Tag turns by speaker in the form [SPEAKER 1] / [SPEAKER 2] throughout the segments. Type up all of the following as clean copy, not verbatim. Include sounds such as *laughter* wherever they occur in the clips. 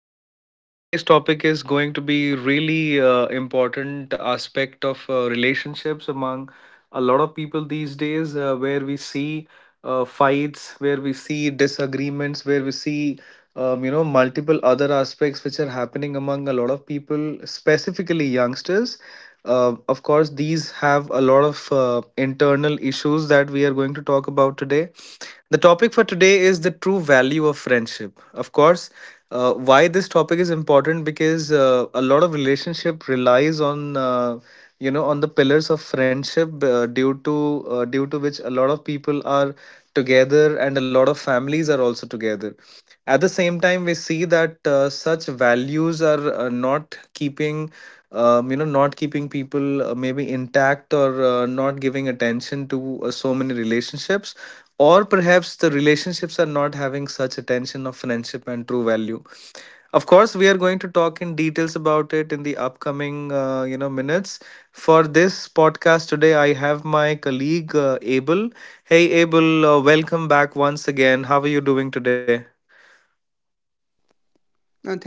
[SPEAKER 1] And today's topic is going to be really important aspect of relationships among a lot of people these days, where we see fights, where we see disagreements, where we see you know multiple other aspects which are happening among a lot of people, specifically youngsters. Of course, these have a lot of internal issues that we are going to talk about today. The topic for today is the true value of friendship, of course. Why this topic is important, because a lot of relationship relies on you know, on the pillars of friendship, due to which a lot of people are together and a lot of families are also together. At the same time, we see that such values are not keeping you know, not keeping people maybe intact, or not giving attention to so many relationships, or perhaps the relationships are not having such attention of friendship and true value. Of course, we are going to talk in details about it in the upcoming, you know, minutes. For this podcast today, I have my colleague Abel. Hey, Abel, welcome back once again. How are you doing today?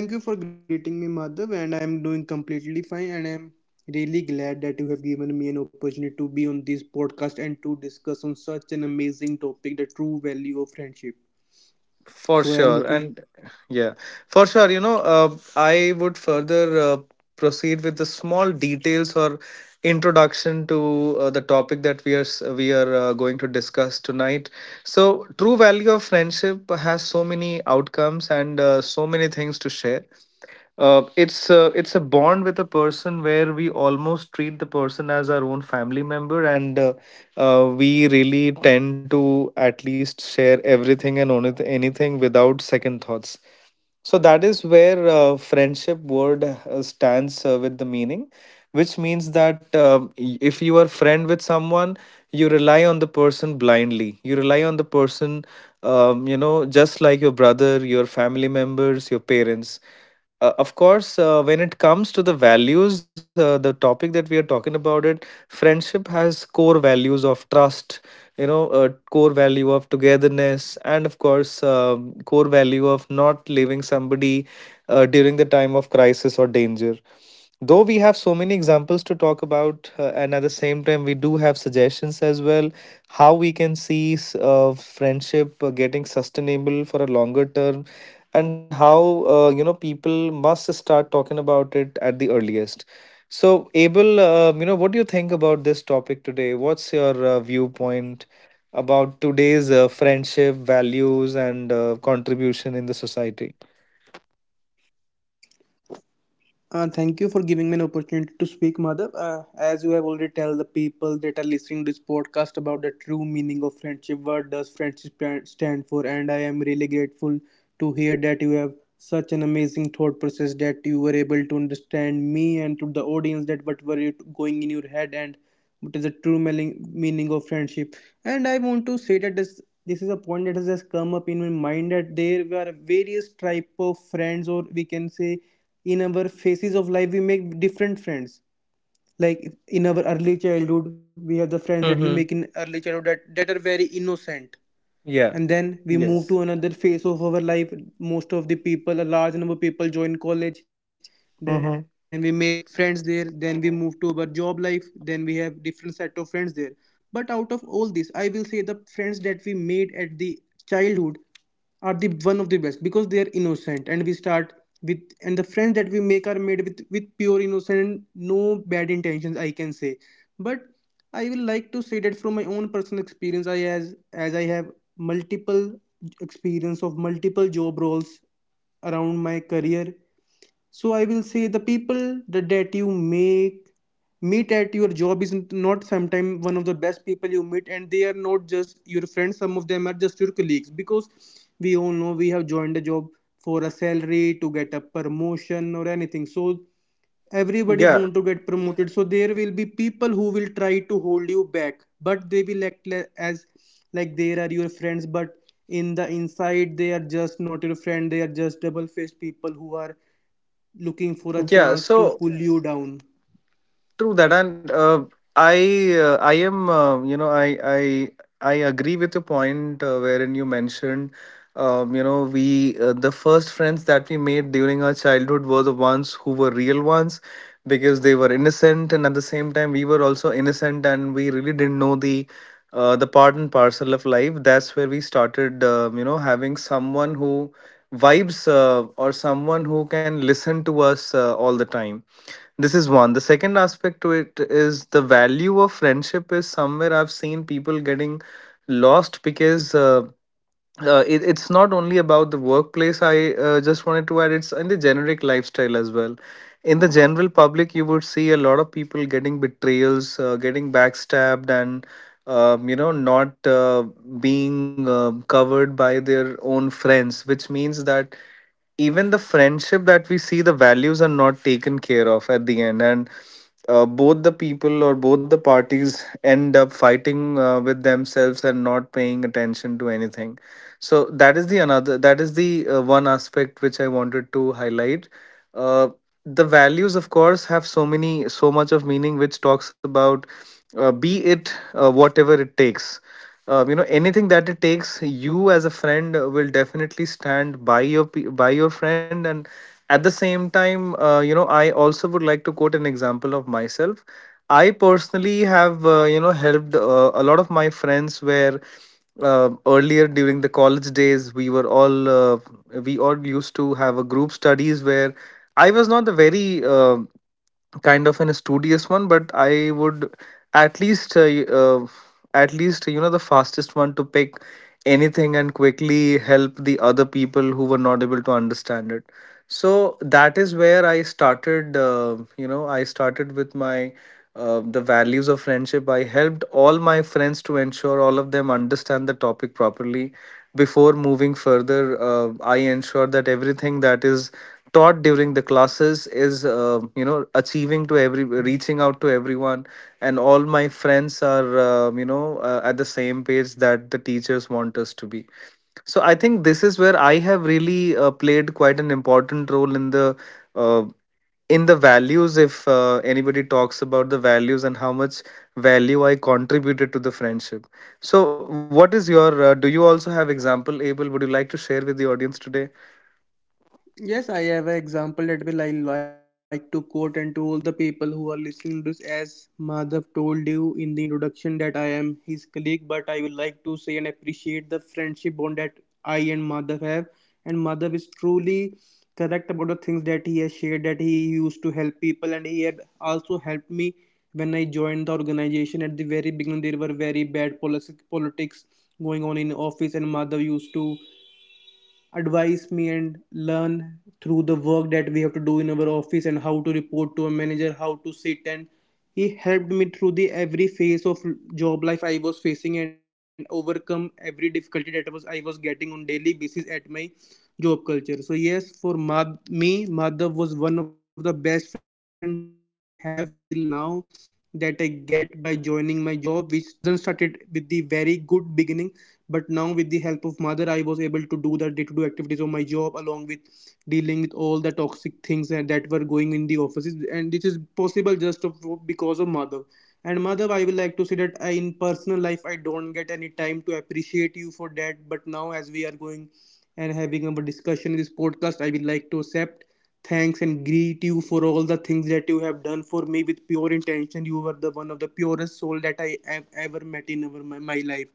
[SPEAKER 2] Thank you for greeting me, Madhav, and I am doing completely fine. And I am really glad that you have given me an opportunity to be on this podcast and to discuss on such an amazing topic, the true value of friendship.
[SPEAKER 1] For
[SPEAKER 2] So I am
[SPEAKER 1] sure.
[SPEAKER 2] looking.
[SPEAKER 1] And yeah, for sure. You know, I would further proceed with the small details or introduction to the topic that we are going to discuss tonight. So, true value of friendship has so many outcomes and so many things to share. It's a bond with a person where we almost treat the person as our own family member, and we really tend to at least share everything and anything without second thoughts. So that is where friendship word stands with the meaning, which means that if you are friend with someone, you rely on the person blindly. You rely on the person, you know, just like your brother, your family members, your parents. Of course, when it comes to the values, the topic that we are talking about it, friendship has core values of trust, you know, core value of togetherness, and of course, core value of not leaving somebody during the time of crisis or danger. Though we have so many examples to talk about, and at the same time, we do have suggestions as well, how we can see friendship getting sustainable for a longer term, and how you know, people must start talking about it at the earliest. So Abel, you know, what do you think about this topic today? What's your viewpoint about today's friendship values and contribution in the society?
[SPEAKER 2] Thank you for giving me an opportunity to speak, Madhav. As you have already tell the people that are listening to this podcast about the true meaning of friendship, what does friendship stand for? And I am really grateful to hear that you have such an amazing thought process that you were able to understand me and to the audience that what were you going in your head and what is the true meaning of friendship. And I want to say that this is a point that has just come up in my mind that there are various type of friends, or we can say in our phases of life we make different friends, like in our early childhood we have the friends that we make
[SPEAKER 1] Mm-hmm.
[SPEAKER 2] in early childhood that are very innocent.
[SPEAKER 1] Yeah.
[SPEAKER 2] And then we move to
[SPEAKER 1] Yes.
[SPEAKER 2] another phase of our life. Most of the people, a large number of people join college, then we make
[SPEAKER 1] Mm-hmm.
[SPEAKER 2] friends there, then we move to our job life, then we have different set of friends there. But out of all this, I will say the friends that we made at the childhood are the one of the best because they are innocent and we start with, and the friends that we make are made with pure innocence and no bad intentions, I can say. But I will like to say that from my own personal experience, I as I have multiple experience of multiple job roles around my career, so I will say the people that you make meet at your job is not sometimes one of the best people you meet, and they are not just your friends. Some of them are just your colleagues because we all know we have joined a job for a salary, to get a promotion or anything. So everybody want
[SPEAKER 1] Yeah.
[SPEAKER 2] to get promoted, so there will be people who will try to hold you back, but they will act le- as like they are your friends, but in the inside they are just not your friend. They are just double faced people who are looking for a
[SPEAKER 1] Yeah.
[SPEAKER 2] chance to
[SPEAKER 1] So
[SPEAKER 2] pull you down.
[SPEAKER 1] true that, and I am you know, I agree with your point, wherein you mentioned you know, we the first friends that we made during our childhood were the ones who were real ones, because they were innocent, and at the same time, we were also innocent, and we really didn't know the part and parcel of life. That's where we started you know, having someone who vibes, or someone who can listen to us all the time. This is one. The second aspect to it is the value of friendship is somewhere I've seen people getting lost, because it's not only about the workplace. I just wanted to add, it's in the generic lifestyle as well. In the general public, you would see a lot of people getting betrayals, getting backstabbed, and you know, not being covered by their own friends, which means that even the friendship that we see, the values are not taken care of at the end, and both the people or both the parties end up fighting with themselves and not paying attention to anything. So that is the another, that is the one aspect which I wanted to highlight. Uh, the values, of course, have so many, so much of meaning, which talks about be it whatever it takes. You know, anything that it takes, you as a friend will definitely stand by by your friend, and at the same time, you know, I also would like to quote an example of myself. I personally have you know, helped a lot of my friends, where earlier during the college days, we all used to have a group studies, where I was not the very kind of an studious one, but I would at least, at least, you know, the fastest one to pick anything and quickly help the other people who were not able to understand it. So that is where I started, you know, I started with my the values of friendship. I helped all my friends to ensure all of them understand the topic properly before moving further. I ensure that everything that is taught during the classes is you know, achieving to every reaching out to everyone, and all my friends are at the same page that the teachers want us to be. So I think this is where I have really played quite an important role uh, in the values. If anybody talks about the values and how much value I contributed to the friendship, so what is your do you also have example, Abel? Would you like to share with the audience today?
[SPEAKER 2] Yes, I have an example that will I like to quote, and to all the people who are listening to this, as Madhav told you in the introduction that I am his colleague, but I would like to say and appreciate the friendship bond that I and Madhav have. And Madhav is truly correct about the things that he has shared, that he used to help people, and he had also helped me when I joined the organization. At the very beginning there were very bad policy, politics going on in office, and Madhav used to advise me and learn through the work that we have to do in our office and how to report to a manager, how to sit, and he helped me through the every phase of job life I was facing and overcome every difficulty that was I was getting on daily basis at my job culture. So yes, for me, Madhav was one of the best friend that I have till now, that I get by joining my job, which doesn't started with the very good beginning. But now, with the help of mother, I was able to do the day-to-day activities of my job along with dealing with all the toxic things that were going in the offices, and this is possible just because of mother. And mother, I will like to say that I, in personal life, I don't get any time to appreciate you for that, but now as we are going and having a discussion in this podcast, I will like to accept thanks and greet you for all the things that you have done for me with pure intention. You were the one of the purest soul that I have ever met in my life.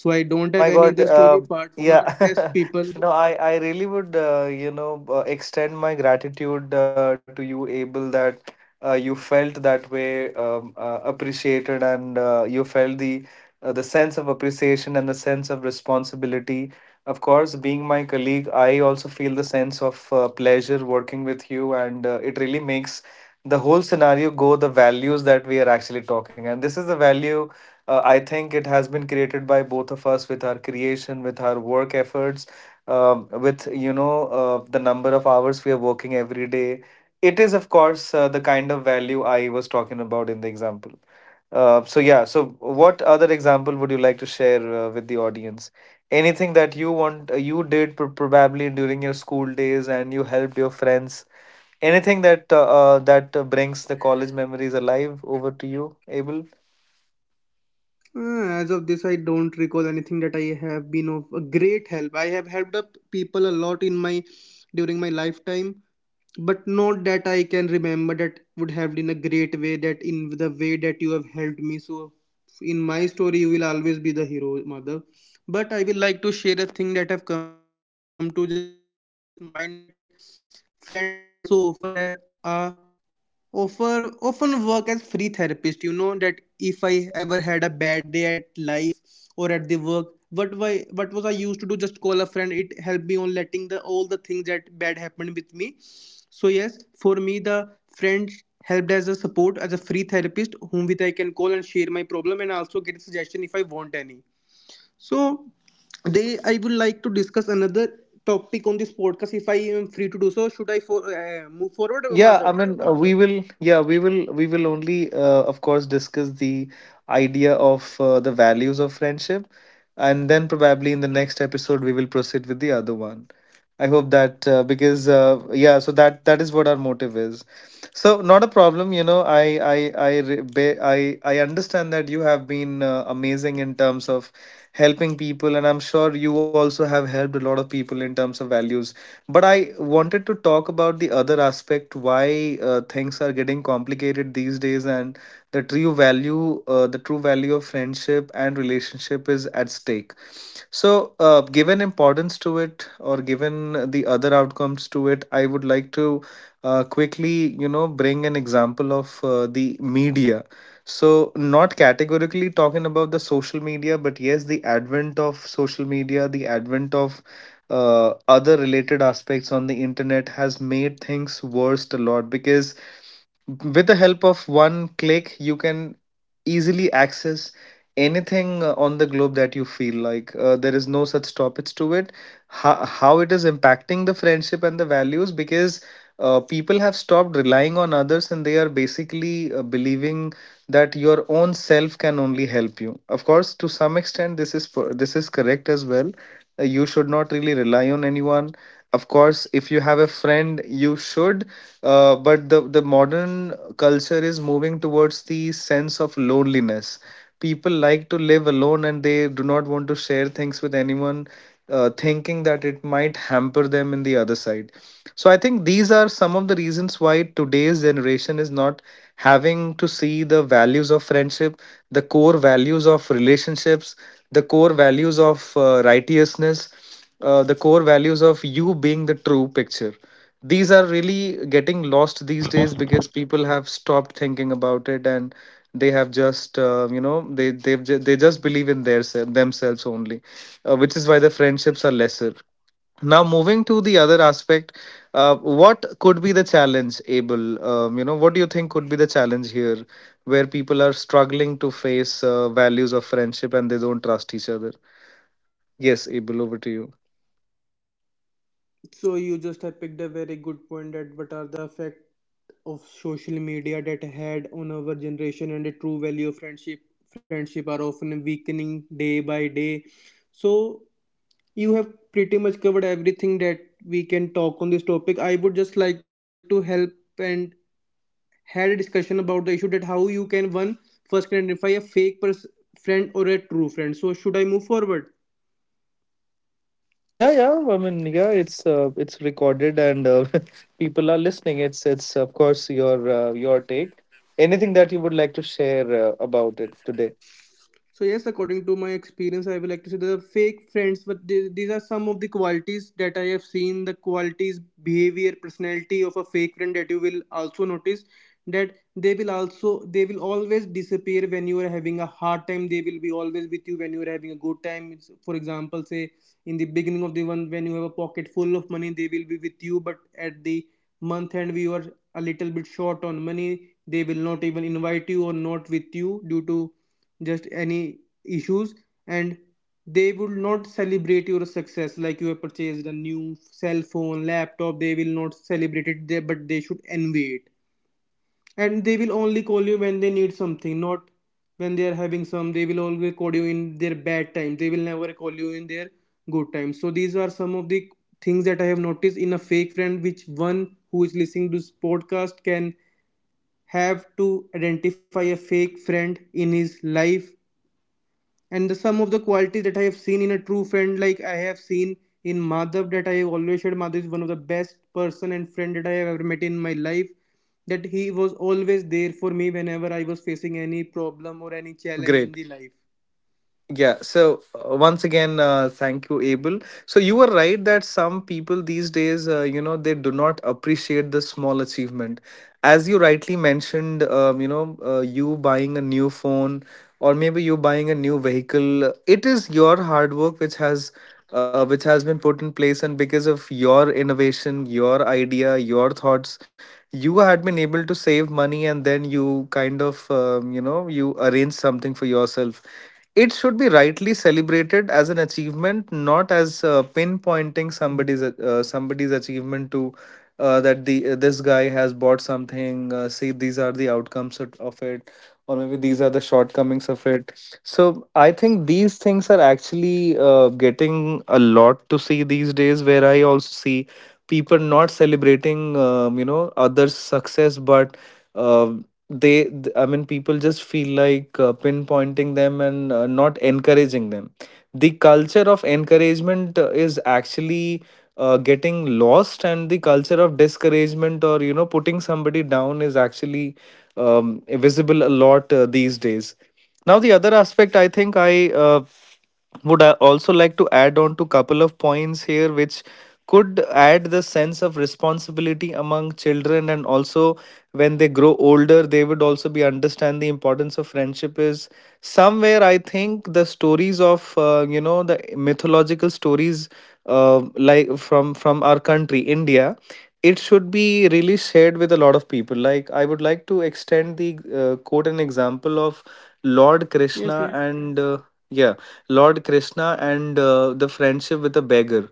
[SPEAKER 2] So I don't have
[SPEAKER 1] My
[SPEAKER 2] any
[SPEAKER 1] God,
[SPEAKER 2] other story apart from the best
[SPEAKER 1] yeah.
[SPEAKER 2] people.
[SPEAKER 1] *laughs* No, I really would, extend my gratitude to you, Abel, that you felt that way, appreciated, and you felt the sense of appreciation and the sense of responsibility. Of course, being my colleague, I also feel the sense of pleasure working with you, and it really makes the whole scenario go the values that we are actually talking. And this is the value, I think it has been created by both of us with our creation, with our work efforts, with the number of hours we are working every day. It is, of course, the kind of value I was talking about in the example. So yeah, so what other example would you like to share with the audience? Anything that you want, probably during your school days, and you helped your friends. Anything that brings the college memories alive. Over to you, Abel.
[SPEAKER 2] As of this, I don't recall anything that I have been of a great help. I have helped up people a lot in my during my lifetime, but not that I can remember that would have been a great way, that in the way that you have helped me. So in my story, you will always be the hero, mother. But I will like to share a thing that have come to just mind, that friends also offer a offer often work as free therapist, you know, that if I ever had a bad day at life or at the work, what was I used to do? Just call a friend. It helped me on letting the all the things that bad happened with me. So yes, for me, the friend helped as a support, as a free therapist whom with I can call and share my problem and also get a suggestion if I want any. So, they, I would like to discuss another topic on this podcast if I am free to do so. Should I move forward, Madhav?
[SPEAKER 1] Yeah, I mean, yeah, we will only, of course, discuss the idea of the values of friendship, and then probably in the next episode we will proceed with the other one. I hope that, because yeah, so that is what our motive is. So not a problem, you know. I re- ba- I understand that you have been amazing in terms of helping people, and I'm sure you also have helped a lot of people in terms of values. But I wanted to talk about the other aspect, why things are getting complicated these days, and the true value of friendship and relationship is at stake. So, given importance to it, or given the other outcomes to it, I would like to quickly, you know, bring an example of the media. So, not categorically talking about the social media, but yes, the advent of social media, the advent of other related aspects on the internet has made things worse a lot, because with the help of one click, you can easily access anything on the globe that you feel like. There is no such stoppage to it. How it is impacting the friendship and the values, because people have stopped relying on others, and they are basically believing that your own self can only help you. Of course, to some extent, this this is correct as well. You should not really rely on anyone. Of course, if you have a friend, you should, but the modern culture is moving towards the sense of loneliness. People like to live alone and they do not want to share things with anyone, thinking that it might hamper them in the other side. So I think these are some of the reasons why today's generation is not having to see the values of friendship, the core values of relationships, the core values of righteousness, the core values of you being the true picture. These are really getting lost these days because people have stopped thinking about it, and they have just they just believe in themselves only, which is why the friendships are lesser. Now, moving to the other aspect, what could be the challenge, Abel? You know, what do you think could be the challenge here where people are struggling to face values of friendship and they don't trust each other? Yes, Abel, over to you.
[SPEAKER 2] So you just have picked a very good point, that what are the effect of social media that had on our generation and the true value of friendship. Friendship are often weakening day by day. So you have pretty much covered everything that we can talk on this topic. I would just like to help and had a discussion about the issue that how you can one first can identify a friend or a true friend. So should I move forward?
[SPEAKER 1] Yeah, yeah. I mean, yeah, it's recorded and *laughs* people are listening. It's of course your take. Anything that you would like to share about it today?
[SPEAKER 2] So yes, according to my experience, I would like to say the fake friends, but these are some of the qualities that I have seen. The qualities, behavior, personality of a fake friend that you will also notice, that they will always disappear when you are having a hard time. They will be always with you when you are having a good time. It's, for example, say in the beginning of the month when you have a pocket full of money, they will be with you, but at the month end we are a little bit short on money, they will not even invite you or not with you due to just any issues. And they would not celebrate your success, like you have purchased a new cell phone, laptop, they will not celebrate it there, but they should envy it. And they will only call you when they need something, not when they are having some. They will always call you in their bad time, they will never call you in their good time. So these are some of the things that I have noticed in a fake friend, which one who is listening to this podcast can have to identify a fake friend in his life. And the some of the qualities that I have seen in a true friend, like I have seen in Madhav, that I have always said Madhav is one of the best person and friend that I have ever met in my life. That he was always there for me whenever I was facing any problem or any challenge in
[SPEAKER 1] Great.
[SPEAKER 2] the life.
[SPEAKER 1] Yeah, so once again, thank you, Abel. So you were right that some people these days, they do not appreciate the small achievement. As you rightly mentioned, you buying a new phone or maybe you buying a new vehicle, it is your hard work which has been put in place, and because of your innovation, your idea, your thoughts, you had been able to save money, and then you kind of you arrange something for yourself. It should be rightly celebrated as an achievement, not as pinpointing somebody's achievement to that the this guy has bought something. See, these are the outcomes of it, or maybe these are the shortcomings of it. So I think these things are actually getting a lot to see these days, where I also see people not celebrating others' success, but um I mean, people just feel like pinpointing them and not encouraging them. The culture of encouragement is actually getting lost, and the culture of discouragement, or you know, putting somebody down is actually visible a lot these days. Now, the other aspect, I think I would I also like to add on to couple of points here, which could add the sense of responsibility among children, and also when they grow older they would also be understand the importance of friendship is somewhere. I think the stories of the mythological stories like from our country India, it should be really shared with a lot of people. Like, I would like to extend the quote and example of Lord
[SPEAKER 2] Yes,
[SPEAKER 1] Krishna
[SPEAKER 2] yes.
[SPEAKER 1] and yeah, Lord Krishna and the friendship with a beggar.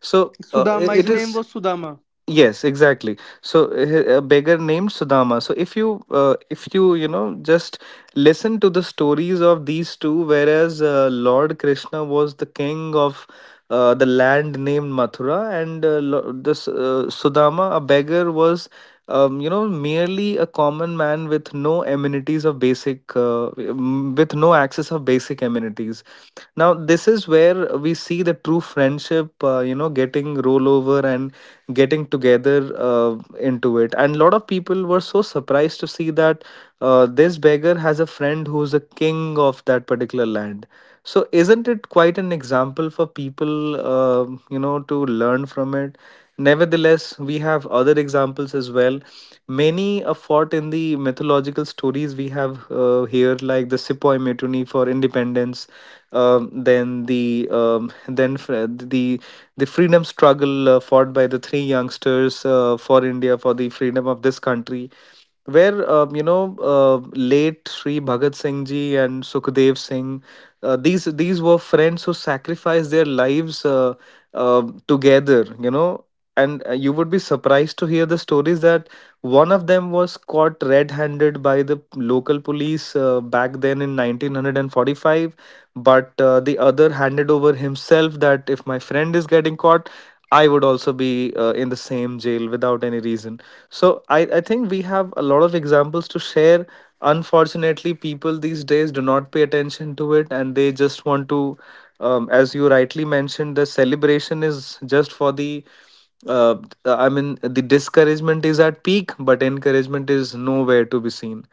[SPEAKER 1] So
[SPEAKER 2] Sudama, his
[SPEAKER 1] it
[SPEAKER 2] name was
[SPEAKER 1] is
[SPEAKER 2] Sudama.
[SPEAKER 1] yes, exactly. So a beggar named Sudama. So if you if you, you know, just listen to the stories of these two, whereas Lord Krishna was the king of the land named Mathura, and Lo- this Sudama, a beggar, was merely a common man with no amenities of basic with no access of basic amenities. Now, this is where we see the true friendship, getting rollover and getting together into it, and a lot of people were so surprised to see that this beggar has a friend who's a king of that particular land. So isn't it quite an example for people, to learn from it? Nevertheless, we have other examples as well. Many a fought in the mythological stories we have here, like the Sepoy Mutiny for independence, then the the freedom struggle fought by the three youngsters for India, for the freedom of this country, where late Sri Bhagat Singh ji and Sukhdev Singh, these were friends who sacrificed their lives, together. You know, and you would be surprised to hear the stories that one of them was caught red-handed by the local police back then in 1945, but the other handed over himself that if my friend is getting caught, I would also be in the same jail without any reason. So I think we have a lot of examples to share. Unfortunately, people these days do not pay attention to it, and they just want to, as you rightly mentioned, the celebration is just for the uh, I mean, the discouragement is at peak, but encouragement is nowhere to be seen.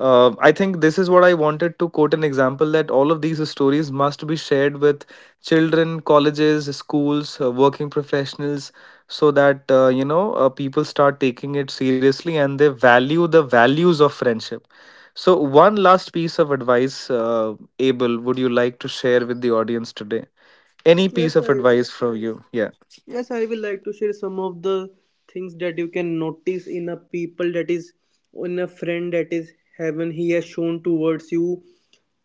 [SPEAKER 1] I think this is what I wanted to quote an example that all of these stories must be shared with children, colleges, schools, working professionals, so that people start taking it seriously and they value the values of friendship. So, one last piece of advice, Abel, would you like to share with the audience today? Any piece
[SPEAKER 2] Yes,
[SPEAKER 1] of
[SPEAKER 2] I
[SPEAKER 1] advice from you? Yeah.
[SPEAKER 2] Yes, I will like to share some of the things that you can notice in a people that is in a friend, that is heaven he has shown towards you.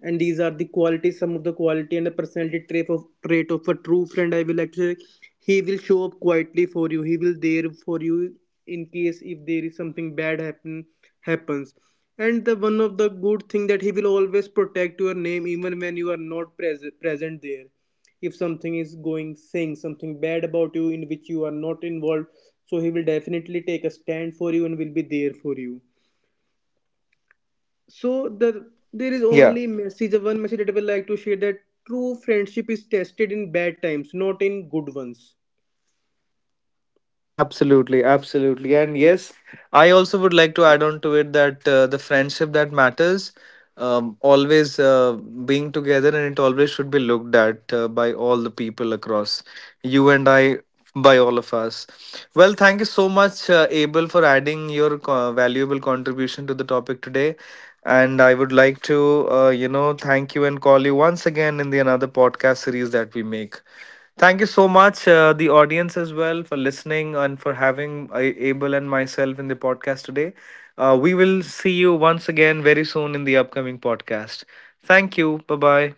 [SPEAKER 2] And these are the qualities, some of the quality and the personality trait of a true friend, I will like to say. He will show up quietly for you, he will there for you in case if there is something bad happens. And the one of the good thing, that he will always protect your name even when you are not present there, if something is going saying something bad about you in which you are not involved, so he will definitely take a stand for you and will be there for you. So the, there is
[SPEAKER 1] Yeah.
[SPEAKER 2] only message one message that I would like to share, that true friendship is tested in bad times, not in good ones.
[SPEAKER 1] Absolutely, absolutely. And yes, I also would like to add on to it that the friendship that matters, always being together, and it always should be looked at by all the people across you and I, by all of us. Well, thank you so much, Abel, for adding your valuable contribution to the topic today. And I would like to, thank you and call you once again in the another podcast series that we make. Thank you so much, the audience as well, for listening and for having Abel and myself in the podcast today. We will see you once again very soon in the upcoming podcast. Thank you. Bye bye.